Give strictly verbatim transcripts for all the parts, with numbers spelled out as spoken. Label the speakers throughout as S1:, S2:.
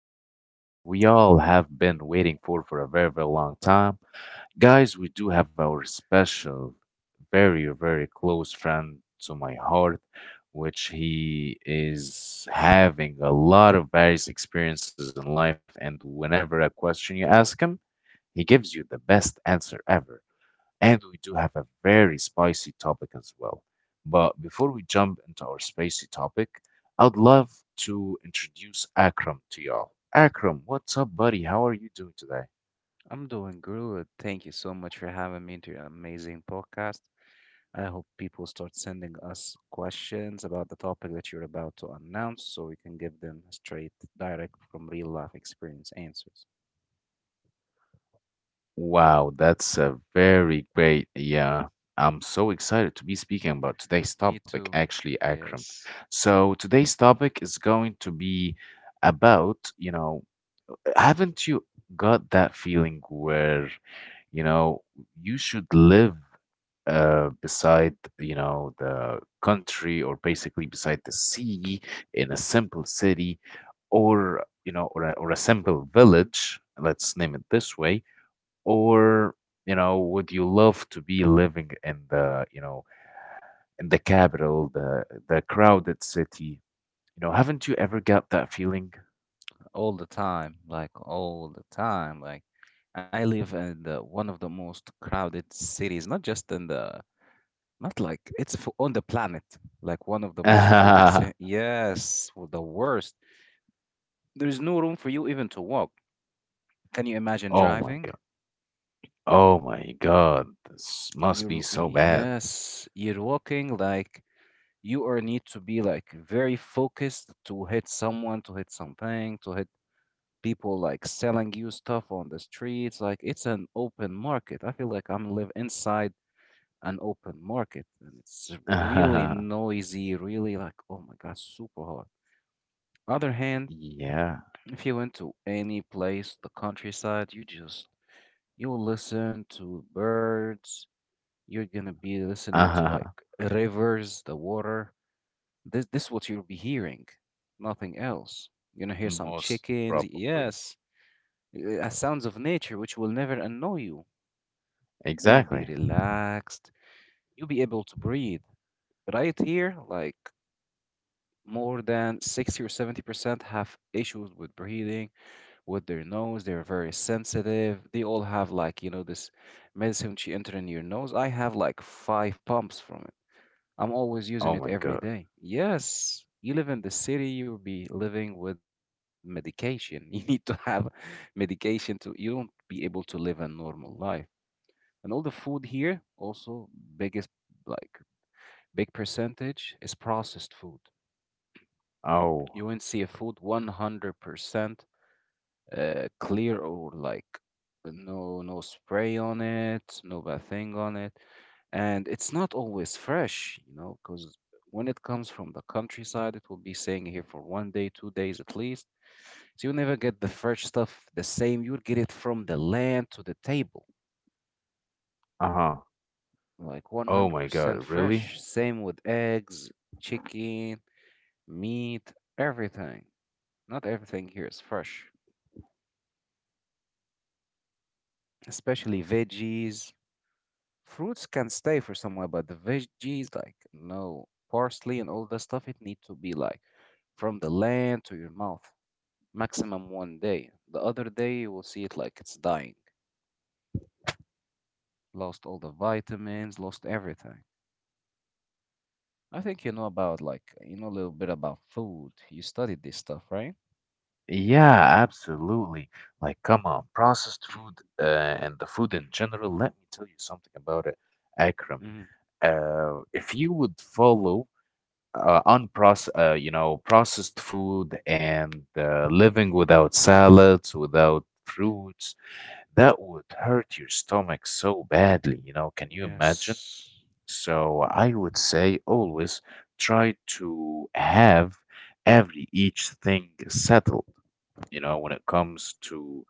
S1: episode, the one that we all have been waiting for for a very, very long time. Guys, we do have our special, very, very close friend to my heart, which he is having a lot of various experiences in life. And whenever a question you ask him, he gives you the best answer ever. And we do have a very spicy topic as well. But before we jump into our spicy topic, I'd love to introduce Akram to y'all. Akram, what's up, buddy? How are you doing today?
S2: I'm doing good. Thank you so much for having me to your amazing podcast. I hope people start sending us questions about the topic that you're about to announce so we can give them straight, direct from real life experience answers.
S1: Wow, that's a very great. Yeah, I'm so
S2: Mhm.
S1: excited to be speaking about today's
S2: Me
S1: topic,
S2: too.
S1: actually, Akram.
S2: Yes.
S1: So, today's topic is going to be about, you know, haven't you got that feeling where, you know, you should live uh, beside you know the country or basically beside the sea in a simple city or you know or a, or a simple village, let's name it this way. Or you know would you love to be living in the you know in the capital, the the crowded city. You know haven't you ever got that feeling?
S2: All the time. Like, all the time. Like, I live in the, one of the most crowded cities, not just in the, not like, it's f- on the planet. Like, one of the most crowded
S1: Oh
S2: cities. Yes, w- the worst. There's no room for you even to walk. Can you imagine
S1: my
S2: driving?
S1: God! Oh my God, this must
S2: You're,
S1: be so bad.
S2: yes, you're walking like you are need to be like very focused to hit someone, to hit something, to hit people like selling you stuff on the streets. Like it's an open market. I feel like I'm live inside an open market, and it's really noisy, really like, oh my God, super hard. Other hand,
S1: Yeah.
S2: if you went to any place, the countryside, you just you will listen to birds. You're gonna be listening to like rivers, the water. This this is what you'll be hearing, nothing else. You're gonna hear some
S1: Most
S2: chickens,
S1: probably.
S2: yes, uh, sounds of nature which will never annoy you. You'll be
S1: Exactly.
S2: relaxed. You'll be able to breathe. Right here, like more than sixty or seventy percent have issues with breathing, with their nose. They're very sensitive. They all have like, you know, this medicine which you enter in your nose. I have like five pumps from it. I'm always
S1: Oh
S2: using it
S1: my
S2: every
S1: God.
S2: day. Yes, you live in the city, you'll be living with medication. You need to have medication to you don't be able to live a normal life. And all the food here also biggest like big percentage is processed food. You
S1: Oh.
S2: won't see a food one hundred percent uh, clear or like no no spray on it, no bad thing on it, and it's not always fresh, you know, because when it comes from the countryside, it will be staying here for one day, two days at least. So you never get the fresh stuff the same. You would get it from the land to the table,
S1: Uh-huh.
S2: like
S1: Oh my
S2: one hundred percent
S1: God, really?
S2: fresh. Same with eggs, chicken, meat, everything. Not everything here is fresh, especially veggies. Fruits can stay for somewhere, but the veggies, like no parsley and all that stuff, it need to be like from the land to your mouth, maximum one day. The other day you will see it like it's dying, lost all the vitamins, lost everything. I think you know about like you know a little bit about food. You studied this stuff, right?
S1: Yeah, absolutely. Like, come on, processed food uh, and the food in general, let me tell you something about it, Akram.
S2: Mm,
S1: Uh, if you would follow uh, unproce uh, you know, processed food and uh, living without salads, without fruits, that would hurt your stomach so badly, you know, can you imagine?
S2: yes,
S1: So I would say always try to have every each thing settled, you know, when it comes to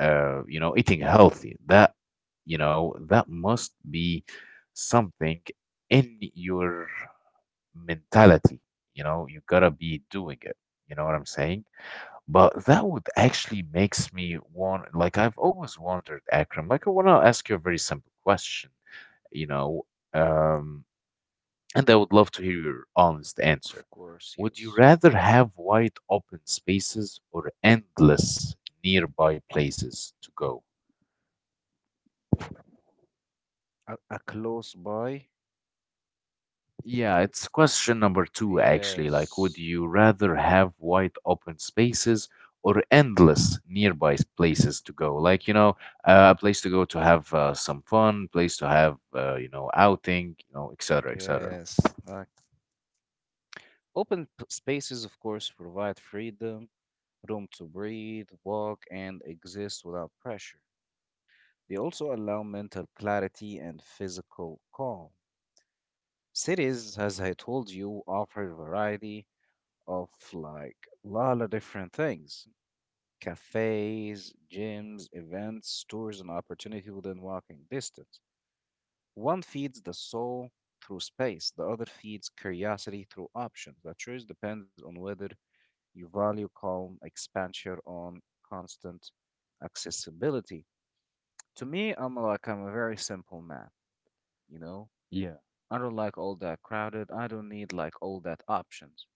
S1: uh, you know, eating healthy. That, you know, that must be something in your mentality, you know, you gotta be doing it. You know what I'm saying? But that would actually makes me want, like I've always wondered, Akram, like I wanna ask you a very simple question, you know, um and I would love to hear your honest answer.
S2: of course,
S1: Would you
S2: yes.
S1: rather have wide open spaces or endless nearby places to go?
S2: A, a close by.
S1: Yeah, it's question number two, actually. Like, would
S2: Yes,
S1: you rather have wide open spaces or endless nearby s- places to go? Like, you know, uh, a place to go to have uh, some fun, place to have, uh, you know, outing, you know, et cetera, et cetera.
S2: yes. Like open p- spaces, of course, provide freedom, room to breathe, walk, and exist without pressure. They also allow mental clarity and physical calm. Cities, as I told you, offer a variety of like a lot of different things, cafes, gyms, events, stores, and opportunity within walking distance. One feeds the soul through space, the other feeds curiosity through options. The choice depends on whether you value calm expansion on constant accessibility. To me, I'm like I'm a very simple man, you know?
S1: Yeah.
S2: I don't like all that crowded. I don't need like all that options.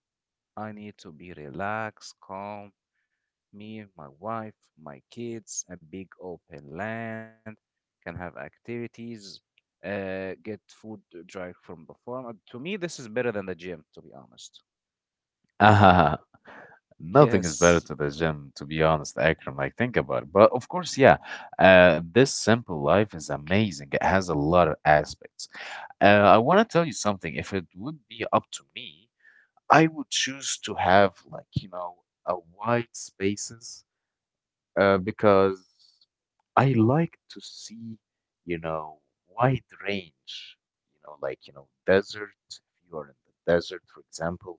S2: I need to be relaxed, calm, me, my wife, my kids, a big open land, can have activities, uh, get food direct from the farm. Uh, To me, this is better than the gym, to be honest.
S1: Nothing is better to
S2: Yes,
S1: the gym, to be honest, Akram. Like, think about it. But of course, yeah, uh, this simple life is amazing. It has a lot of aspects. Uh, I want to tell you something. If it would be up to me, I would choose to have, like, you know, a wide spaces uh, because I like to see, you know, wide range, you know, like, you know, desert. If you are in the desert, for example,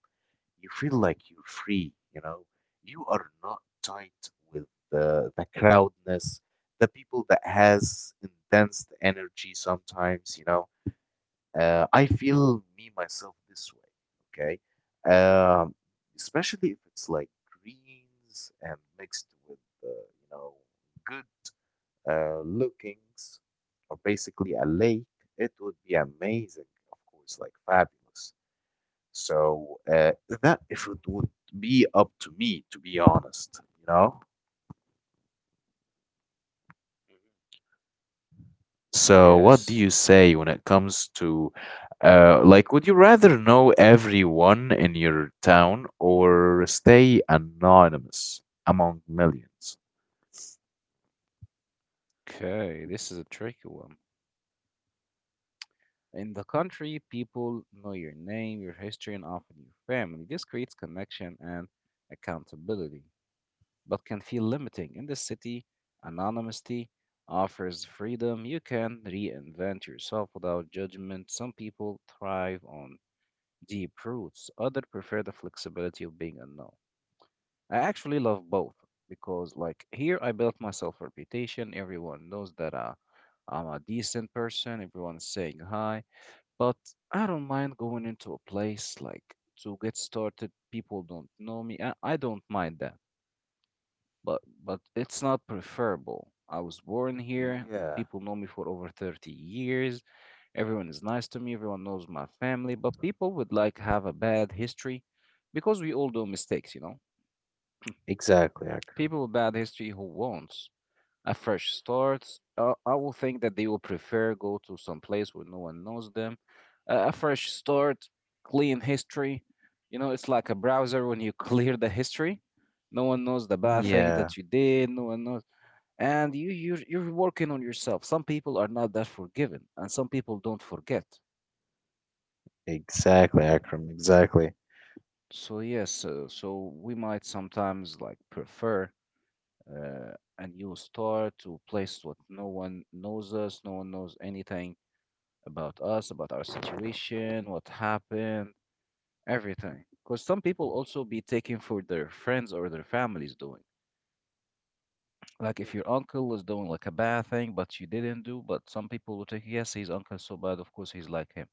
S1: you feel like you're free, you know, you are not tight with the, the crowdness, the people that has intense energy sometimes, you know uh, I feel me myself this way, okay? Um, especially if it's like greens and mixed with, uh, you know, good uh, lookings, or basically a lake, it would be amazing, of course, like fabulous. So uh, that if it would be up to me, to be honest, you know? So,
S2: yes.
S1: what do you say when it comes to, uh, like, would you rather know everyone in your town or stay anonymous among millions?
S2: Okay, this is a tricky one. In the country, people know your name, your history, and often your family. This creates connection and accountability, but can feel limiting. In the city, anonymity offers freedom. You can reinvent yourself without judgment. Some people thrive on deep roots, others prefer the flexibility of being unknown. I actually love both because, like, here I built myself a reputation. Everyone knows that I, I'm a decent person, everyone's saying hi, but I don't mind going into a place like to get started. People don't know me. I, I don't mind that. But but it's not preferable. I was born here, and
S1: Yeah,
S2: people know me for over thirty years. Everyone is nice to me. Everyone knows my family. But people would like have a bad history because we all do mistakes, you know.
S1: exactly, Akram.
S2: People with bad history who won't. A fresh start. Uh, I will think that they will prefer go to some place where no one knows them. Uh, a fresh start, clean history. You know, it's like a browser when you clear the history. No one knows the bad thing
S1: Yeah,
S2: that you did. No one knows, and you you you're working on yourself. Some people are not that forgiving, and some people don't forget.
S1: exactly, Akram, exactly.
S2: So yes, uh, so we might sometimes like prefer uh, a new start to a place what no one knows us, no one knows anything about us, about our situation, what happened, everything. Because some people also be taking for their friends or their families doing. Like
S1: Mhm.
S2: if your uncle was doing like a bad thing, but you didn't do, but some people will take, yes, his uncle so bad, of course he's like him.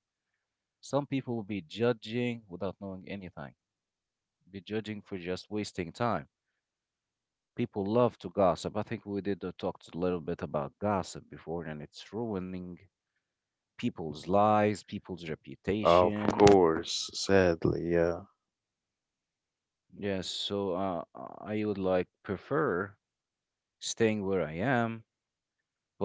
S2: Some people will be judging without knowing anything, be judging for just wasting time. People love to gossip. I think we did uh, talked a little bit about gossip before, and it's ruining people's lives, people's
S1: Of
S2: reputation.
S1: course, sadly, yeah.
S2: Yes, so uh, I would like prefer staying where I am,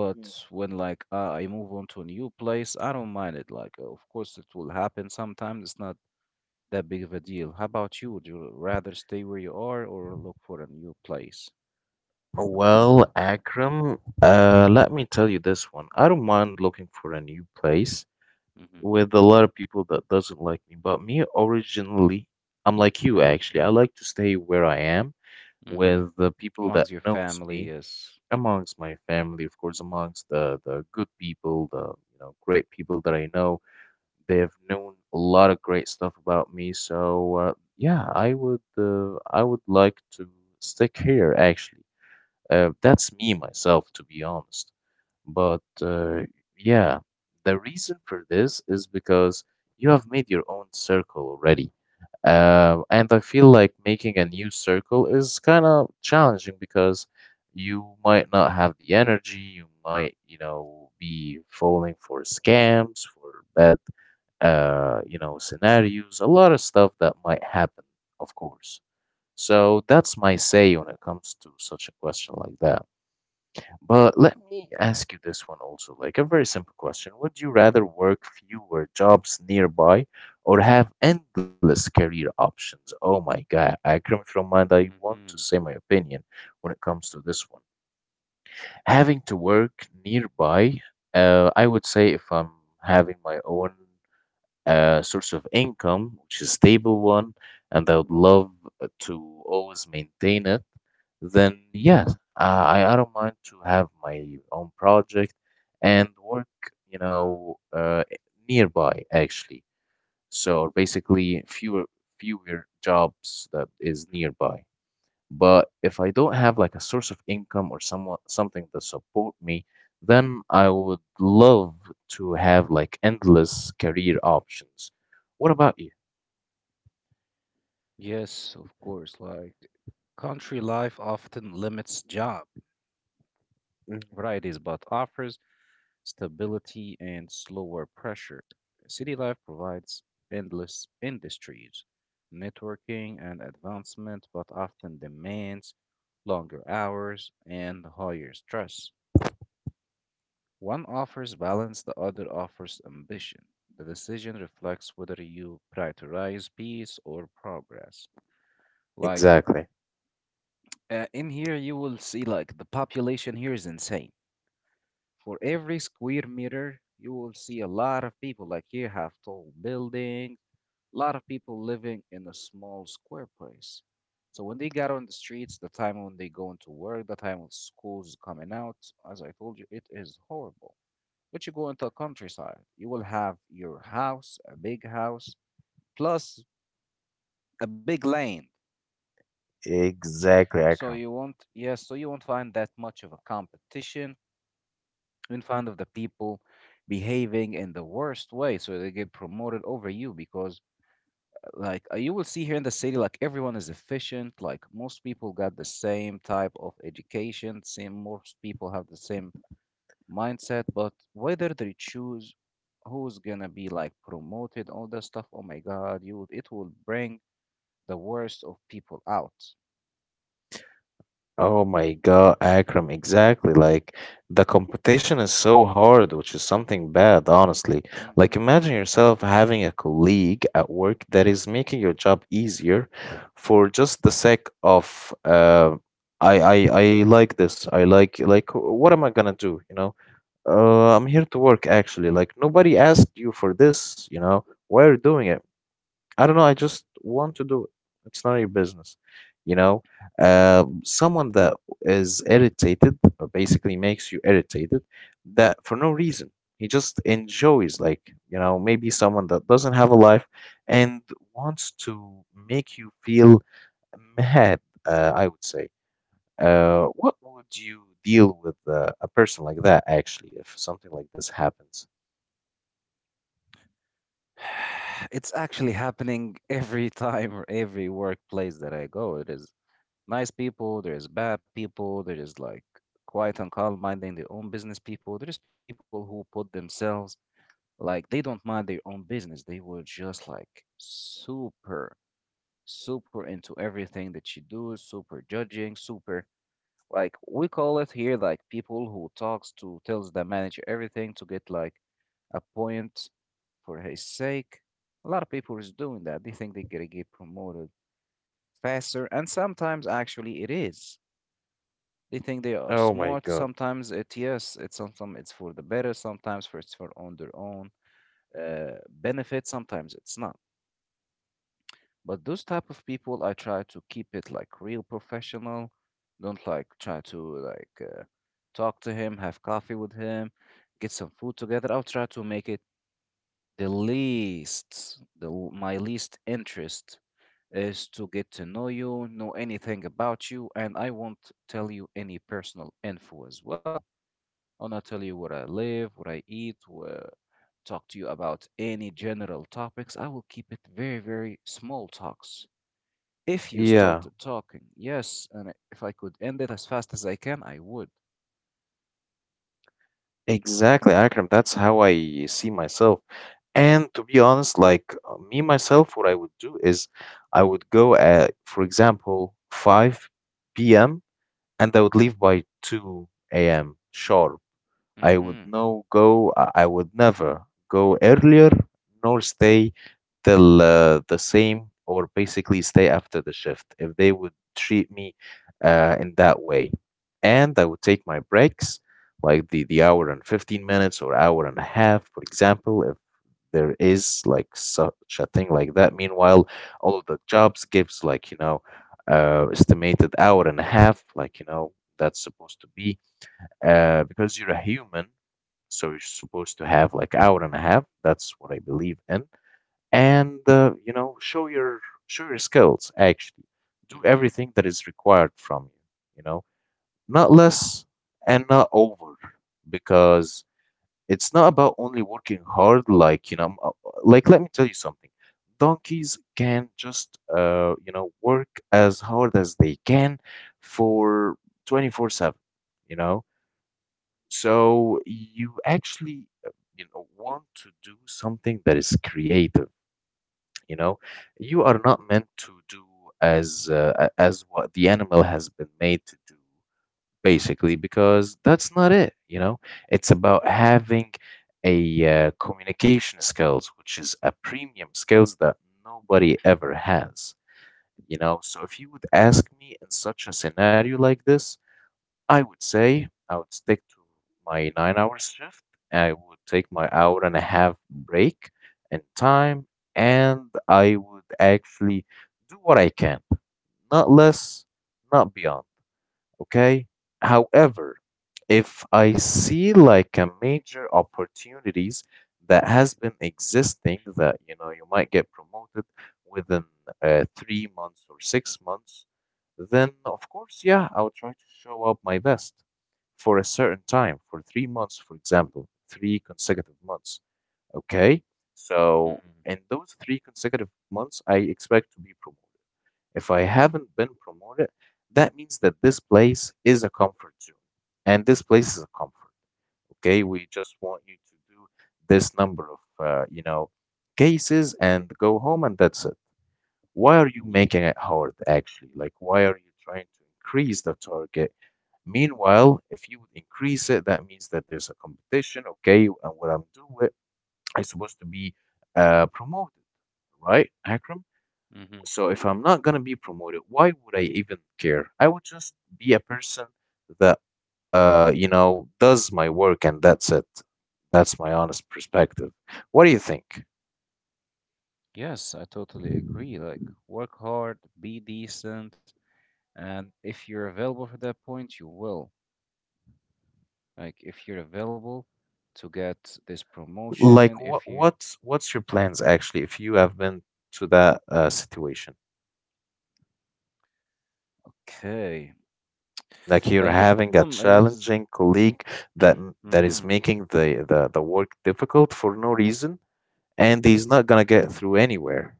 S1: Mhm.
S2: when like uh, I move on to a new place, I don't mind it. Like, uh, of course, it will happen sometimes. It's not that big of a deal. How about you? Would you rather stay where you are or look for a new place?
S1: Well, Akram, uh, let me tell you this one. I don't mind looking for a new place
S2: Mm-hmm.
S1: with a lot of people that doesn't like me, but me originally, I'm like you actually. I like to stay where I am
S2: Mm-hmm.
S1: with the people that
S2: Amongst your
S1: knows
S2: family?
S1: me,
S2: Yes.
S1: amongst my family, of course, amongst the the good people, the you know great people that I know. They have known a lot of great stuff about me, so uh, yeah, I would uh, I would like to stick here actually. Uh, that's me myself, to be honest. But uh, yeah, the reason for this is because you have made your own circle already. Uh, and I feel like making a new circle is kind of challenging because you might not have the energy, you might, you know, be falling for scams, for bad, uh, you know, scenarios, a lot of stuff that might happen, of course. So that's my say when it comes to such a question like that. But let me ask you this one also, like a very simple question. Would you rather work fewer jobs nearby or have endless career options? Oh my God, I come from mind. I want to
S2: Mm-hmm.
S1: say my opinion when it comes to this one. Having to work nearby, uh, I would say if I'm having my own a source of income, which is stable one, and I would love to always maintain it, then yes, uh, I I don't mind to have my own project and work, you know, uh, nearby actually. So basically, fewer fewer jobs that is nearby. But if I don't have like a source of income or someone something that support me, then I would love to have like endless career options. What about you?
S2: Yes, of course. Like country life often limits job
S1: Mhm.
S2: varieties, but offers stability, and slower pressure. City life provides endless industries, networking, and advancement, but often demands longer hours and higher stress. One offers balance, the other offers ambition. The decision reflects whether you prioritize peace or progress. Like
S1: Exactly.
S2: uh, in here, you will see like the population here is insane. For every square meter, you will see a lot of people. Like here, have tall buildings, a lot of people living in a small square place. So when they got on the streets, the time when they go into work, the time when schools coming out, as I told you, it is horrible. But you go into a countryside, you will have your house, a big house, plus a big lane.
S1: Exactly,
S2: So
S1: Akram.
S2: you won't, yes, so you won't find that much of a competition in front of the people behaving in the worst way so they get promoted over you because uh, like uh, you will see here in the city like everyone is efficient, like most people got the same type of education, same most people have the same mindset, but whether they choose who's gonna be like promoted all that stuff, oh my god, you it will bring the worst of people out.
S1: Oh my God, Akram, exactly. Like the competition is so hard, which is something bad, honestly. Like
S2: Hmm.
S1: imagine yourself having a colleague at work that is making your job easier for just the sake of uh, I I I like this. I like like what am I gonna do? You know, uh, I'm here to work actually. Like nobody asked you for this, you know. Why are you doing it? I don't know. I just want to do it. It's none of your business. You know, um, someone that is irritated or basically makes you irritated that for no reason. He just enjoys, like, you know, maybe someone that doesn't have a life and wants to make you feel mad, uh, I would say. Uh, what would you deal with uh, a person like that, actually, if something like this happens?
S2: It's actually happening every time or every workplace that I go. It is nice people, there is bad people, there is like quiet and calm minding their own business people. There is people who put themselves like they don't mind their own business. They were just like super, super into everything that you do, super judging, super like we call it here like people who talks to tells the manager everything to get like a point for his sake. A lot of people is doing that. They think they're gonna get promoted faster, and sometimes actually it is. They think they are
S1: Oh my
S2: smart.
S1: God.
S2: Sometimes it yes, it's sometimes it's for the better. Sometimes for it's for on their own uh, benefit. Sometimes it's not. But those type of people, I try to keep it like real professional. Don't like try to like uh, talk to him, have coffee with him, get some food together. I'll try to make it the least, the l- my least interest is to get to know you, know anything about you, and I won't tell you any personal info as well. I'll not tell you where I live, what I eat, where, talk to you about any general topics. I will keep it very, very small talks. If you
S1: Yeah.
S2: started talking, yes, and I- if I could end it as fast as I can, I would.
S1: Exactly, Akram. That's how I see myself. And to be honest, like uh, me myself, what I would do is I would go at, for example, five p m and I would leave by two a m sharp. I would
S2: Mm-hmm.
S1: no go. I I would never go earlier nor stay till uh, the same, or basically stay after the shift, if they would treat me uh, in that way. And I would take my breaks, like the the hour and fifteen minutes or hour and a half, for example, if there is like such a thing like that. Meanwhile, all of the jobs gives like you know uh, estimated hour and a half, like you know that's supposed to be uh, because you're a human, so you're supposed to have like hour and a half. That's what I believe in. And uh, you know, show your show your skills actually. Do
S2: Mm-hmm.
S1: everything that is required from you, you know, not less and not over, because it's not about only working hard like, you know, m- uh, like let me tell you something. Donkeys can just uh, you know, work as hard as they can for twenty four seven, you know so you actually, uh, you know, want to do something that is creative. You know, you are not meant to do as uh, a- as what the animal has been made to do, basically, because that's not it. You know, it's about having a uh, communication skills, which is a premium skills that nobody ever has. You know, so if you would ask me in such a scenario like this, I would say I would stick to my nine hour shift. I would take my hour and a half break in time, and I would actually do what I can, not less, not beyond. Okay. However, if I see like a major opportunities that has been existing, that you know you might get promoted within uh, three months or six months, then of course, yeah, I would try to show up my best for a certain time, for three months, for example, three consecutive months. Okay. So
S2: Mm-hmm.
S1: in those three consecutive months, I expect to be promoted. If I haven't been promoted, that means that this place is a comfort zone. And this place is a comfort. Okay. We just want you to do this number of, uh, you know, cases and go home, and that's it. Why are you making it hard actually? Like, why are you trying to increase the target? Meanwhile, if you would increase it, that means that there's a competition, okay, and what I'm doing is supposed to be uh, promoted, right, Akram?
S2: Mm-hmm.
S1: So if I'm not gonna be promoted, why would I even care? I would just be a person that, uh, you know, does my work and that's it. That's my honest perspective. What do you think?
S2: Yes, I totally agree. Like, work hard, be decent, and if you're available for that point, you will. Like, if you're available to get this
S1: Like
S2: promotion,
S1: what
S2: if you.
S1: what's what's your plans actually if you have been to that uh, situation?
S2: Okay.
S1: Like you're
S2: Like, the
S1: having a
S2: problem is
S1: challenging colleague that m- that
S2: hmm
S1: is making the, the the work difficult for no reason, and he's not gonna get through anywhere.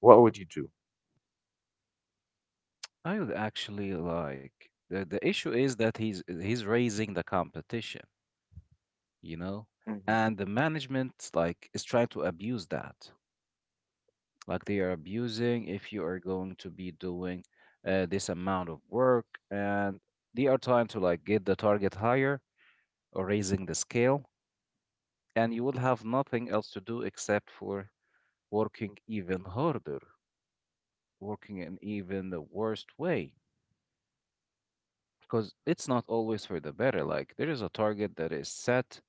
S1: What would you do?
S2: I would actually like the, the issue is that he's he's raising the competition, you know,
S1: Mhm.
S2: and the management like is trying to abuse that. Like they are abusing. If you are going to be doing uh, this amount of work, and they are trying to like get the target higher or raising the scale, and you will have nothing else to do except for working even harder, working in even the worst way, because it's not always for the better. Like, there is a target that is set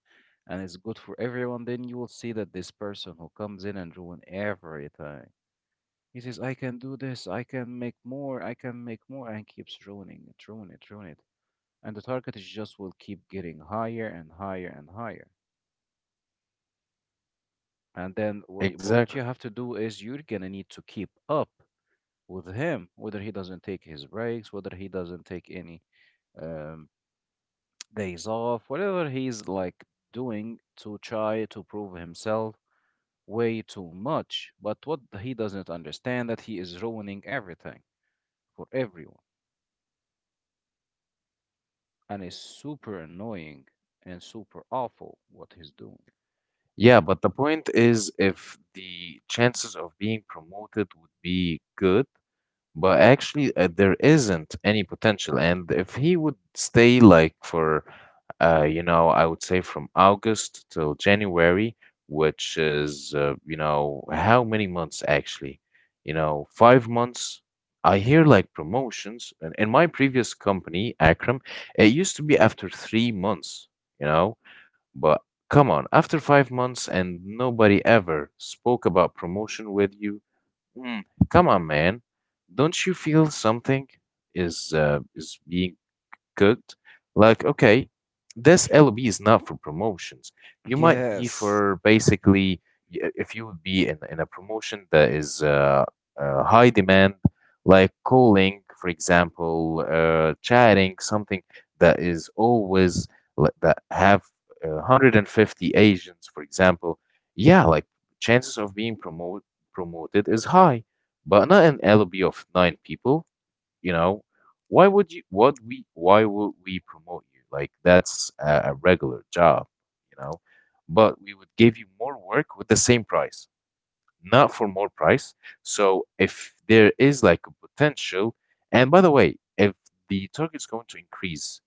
S2: and is good for everyone, then you will see that this person who comes in and ruin everything. He says, I can do this, I can make more, I can make more, and keeps ruining it, ruin it, ruin it. And the target is just will keep getting higher and higher and higher. And then wha- what
S1: Exactly.
S2: you have to do is you're gonna need to keep up with him, whether he doesn't take his breaks, whether he doesn't take any. Um, Days off, whatever he's like doing to try to prove himself way too much. But what he doesn't understand that he is ruining everything for everyone, and
S1: Mhm.
S2: it's super annoying and super awful what he's doing.
S1: Yeah, but the point is if the chances of being promoted would be good. But actually, uh, there isn't any potential. And if he would stay like for, uh, you know, I would say from August till January, which is, uh, you know, how many months actually? You know, five months. I hear like promotions. And in my previous company, Akram, it used to be after three months, you know, but come on, after five months and nobody ever spoke about promotion with you. Mm. Come on, man. Don't you feel something is uh, is being cooked? Like, okay, this L B is not for promotions. You might be
S2: Yes.
S1: for basically y- if you would be in, in a promotion that is uh, uh, high demand, like calling, for example, uh, chatting, something that is always like, that have uh, one hundred fifty agents, for example. Yeah, like chances of being promoted promoted is high, but not an L B of nine people, you know. Why would you, what we why would we promote you? Like that's a, a regular job, you know, but we would give you more work with the same price, not for more price. So if there is like a potential, and by the way, if the target's going to increase,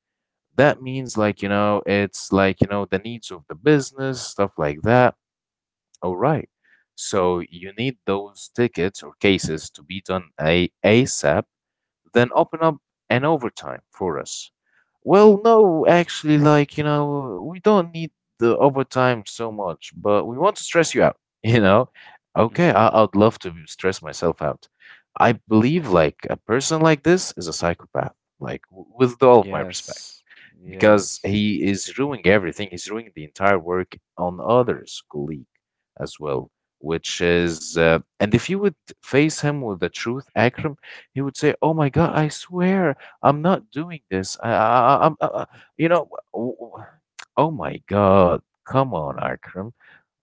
S1: that means, like, you know, it's like, you know, the needs of the business, stuff like that, all right. So you need those tickets or cases to be done a- asap, then open up an overtime for us. Well, no, actually, like, you know, we don't need the overtime so much, but we want to stress you out, you know? Okay,
S2: Hmm.
S1: I- I'd love to stress myself out. I believe, like, a person like this is a psychopath, like, w- with all of my respect,
S2: Yes,
S1: because
S2: yes.
S1: he is ruining everything. He's ruining the entire work on others' colleague as well, which is. Uh, and if you would face him with the truth, Akram, he would say, "Oh my God, I swear, I'm not doing this. I, I, I- I'm, I, I- you know, w- w- oh my God, come on, Akram.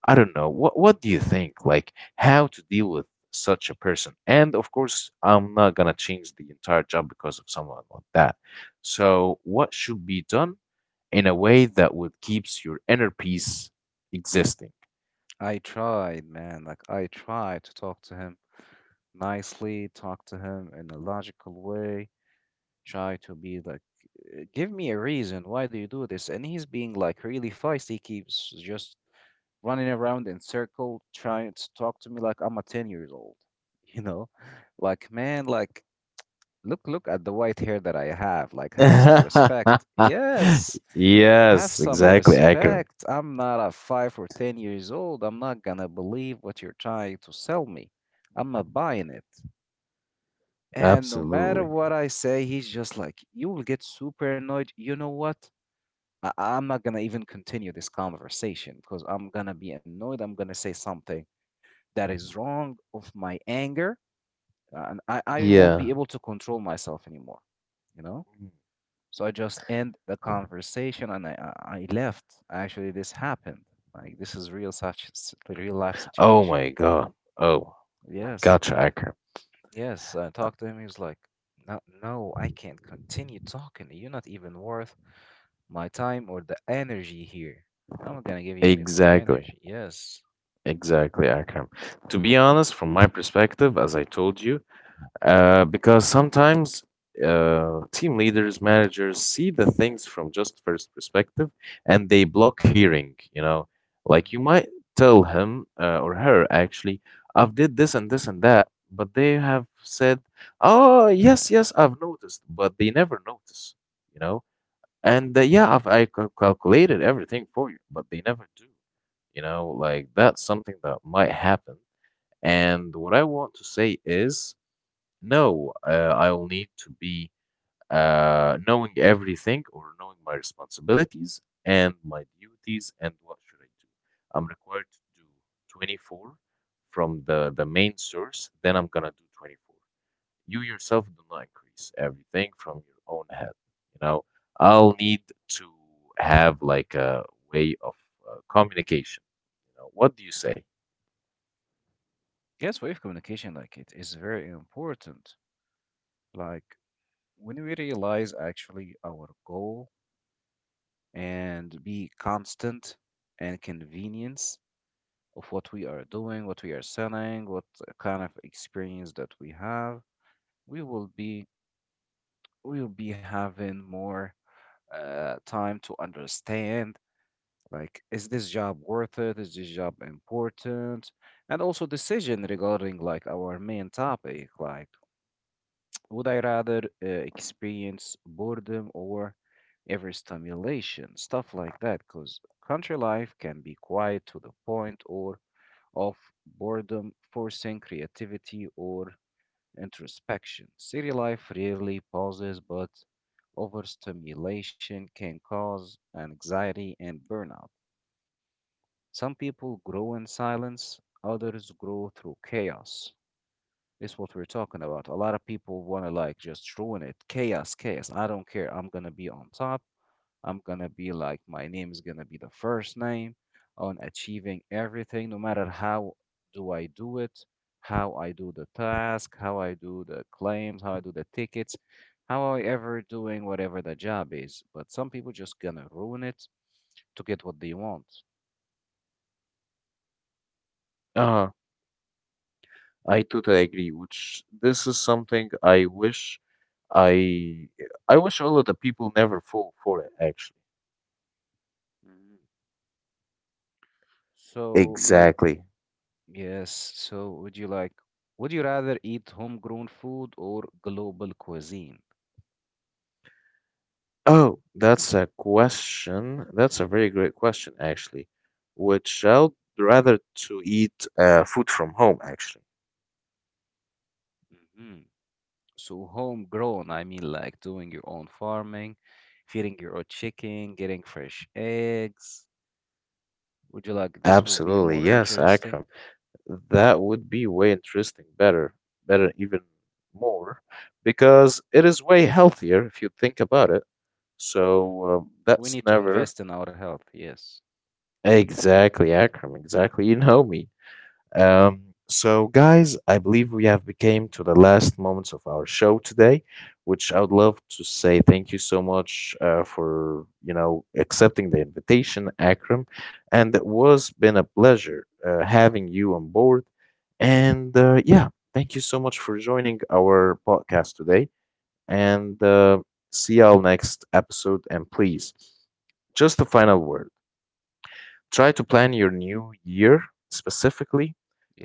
S1: I don't know. What, what do you think? Like how to deal with such a person? And of course, I'm not gonna change the entire job because of someone like that." So, what should be done, in a way that would keeps your inner peace existing?
S2: I tried, man. Like, I tried to talk to him nicely, talk to him in a logical way, try to be like, "Uh, give me a reason. Why do you do this?" And he's being like really feisty, keeps just running around in circle, trying to talk to me like I'm a ten years old, you know? Like, man, like, look, look at the white hair that I have. Like, have some
S1: Yes,
S2: respect. Yes. Have some
S1: exactly, Akram.
S2: respect. I'm not a five or ten years old. I'm not gonna believe what you're trying to sell me. I'm not buying it. And no matter
S1: Absolutely.
S2: what I say, he's just like, you will get super annoyed. You know what? I- I'm not going to even continue this conversation because I'm going to be annoyed. I'm going to say something that is wrong of my anger. uh, And I, I won't be
S1: Yeah.
S2: able to control myself anymore, you know?
S1: Mm.
S2: So I just end the conversation, and I, I I left. Actually, this happened. Like, this is real such real life
S1: Oh
S2: situation.
S1: my God. Oh,
S2: Yes.
S1: gotcha, Akram.
S2: Yes, I talked to him. He was like, no, no, I can't continue talking. You're not even worth my time or the energy here. I'm not gonna give you any of my
S1: Exactly.
S2: energy. Yes.
S1: Exactly, Akram. To be honest, from my perspective, as I told you, Uh, because sometimes uh, team leaders, managers see the things from just first perspective and they block hearing, you know. Like you
S2: Hmm.
S1: might tell him uh, or her, actually, I've did this and this and that, but they have said, oh, yes, yes, I've noticed, but they never notice, you know. And uh, yeah, I've I cal- calculated everything for you, but they never do, you know. Like that's something that might happen. And what I want to say is, no, uh, I'll need to be uh, knowing everything or knowing my responsibilities and my duties and what should I do. I'm required to do twenty-four from the, the main source, then I'm gonna do twenty-four. You yourself do not increase everything from your own head. You know, I'll need to have like a way of uh, communication. You know, what do you say?
S2: Yes, wave communication, like it is very important. Like, when we realize actually our goal and be constant and convenience of what we are doing, what we are selling, what kind of experience that we have, we will be we will be having more uh, time to understand like, is this job worth it, is this job important, and also decision regarding like our main topic, like would I rather uh, experience boredom or ever stimulation stuff like that, because country life can be quiet to the point or of boredom forcing creativity or introspection. City life rarely pauses, but overstimulation can cause anxiety and burnout. Some people grow in silence, others grow through chaos. It's what we're talking about. A lot of people want to like just ruin it. Chaos, chaos. I don't care. I'm going to be on top. I'm gonna be like, my name is gonna be the first name on achieving everything, no matter how do I do it, how I do the task, how I do the claims, how I do the tickets, how I ever doing whatever the job is. But some people just gonna ruin it to get what they want.
S1: Uh, I totally agree, which this is something I wish I I wish all of the people never fall for it actually.
S2: Mm. So, like,
S1: Exactly.
S2: yes, so would you like, would you rather eat homegrown food or global cuisine?
S1: Oh, that's a question. That's a very great question actually. Would I rather to eat uh, food from home actually.
S2: Mhm. So homegrown, I mean, like doing your own farming, feeding your own chicken, getting fresh eggs. Would you like this will be
S1: Absolutely,
S2: more
S1: yes,
S2: interesting?
S1: Akram. That would be way interesting, better, better even more, because it is way healthier if you think about it.
S2: Mhm.
S1: So um,
S2: We
S1: that's
S2: need to
S1: never
S2: invest in our health, yes.
S1: exactly Akram. Exactly, you know me. Um, so, guys, I believe we have became to the last moments of our show today, which I would love to say thank you so much uh, for you know accepting the invitation, Akram, and it was been a pleasure uh, having you on board. And uh, yeah, thank you so much for joining our podcast today, and uh, see y'all next episode. And please, just a final word. Try to plan your new year specifically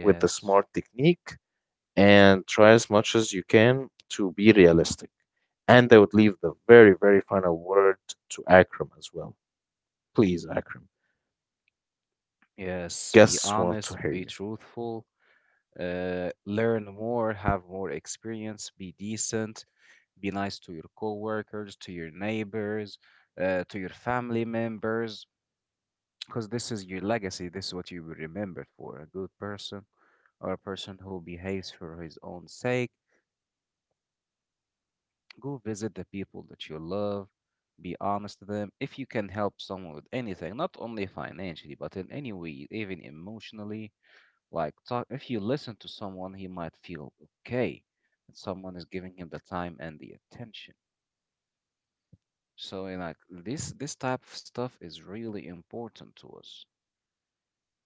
S1: with the SMART technique and try as much as you can to be realistic. And I would leave the very, very final word to Akram as well. Please, Akram.
S2: yes. Be
S1: Guests want to
S2: honest,
S1: hear
S2: be
S1: you.
S2: truthful, uh, learn more, have more experience, be decent, be nice to your coworkers, to your neighbors, uh, to your family members, because this is your legacy. This is what you will remembered for. A good person or a person who behaves for his own sake. Go visit the people that you love. Be honest to them. If you can help someone with anything, not only financially, but in any way, even emotionally, like talk, if you listen to someone, he might feel okay that someone is giving him the time and the attention. So, you know, like, this, this type of stuff is really important to us.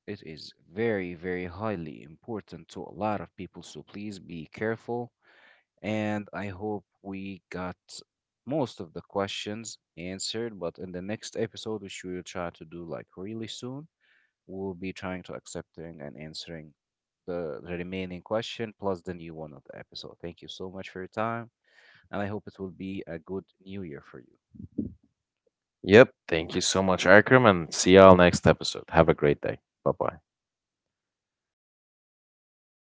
S2: It is very, very highly important to a lot of people, so please be careful. And I hope we got most of the questions answered, but in the next episode, which we will try to do like really soon, we'll be trying to accepting and answering the, the remaining question plus the new one of the episode. Thank you so much for your time, and I hope it will be a good new year for you.
S1: Yep. Thank you so much, Akram, and see y'all next episode. Have a great day. Bye bye.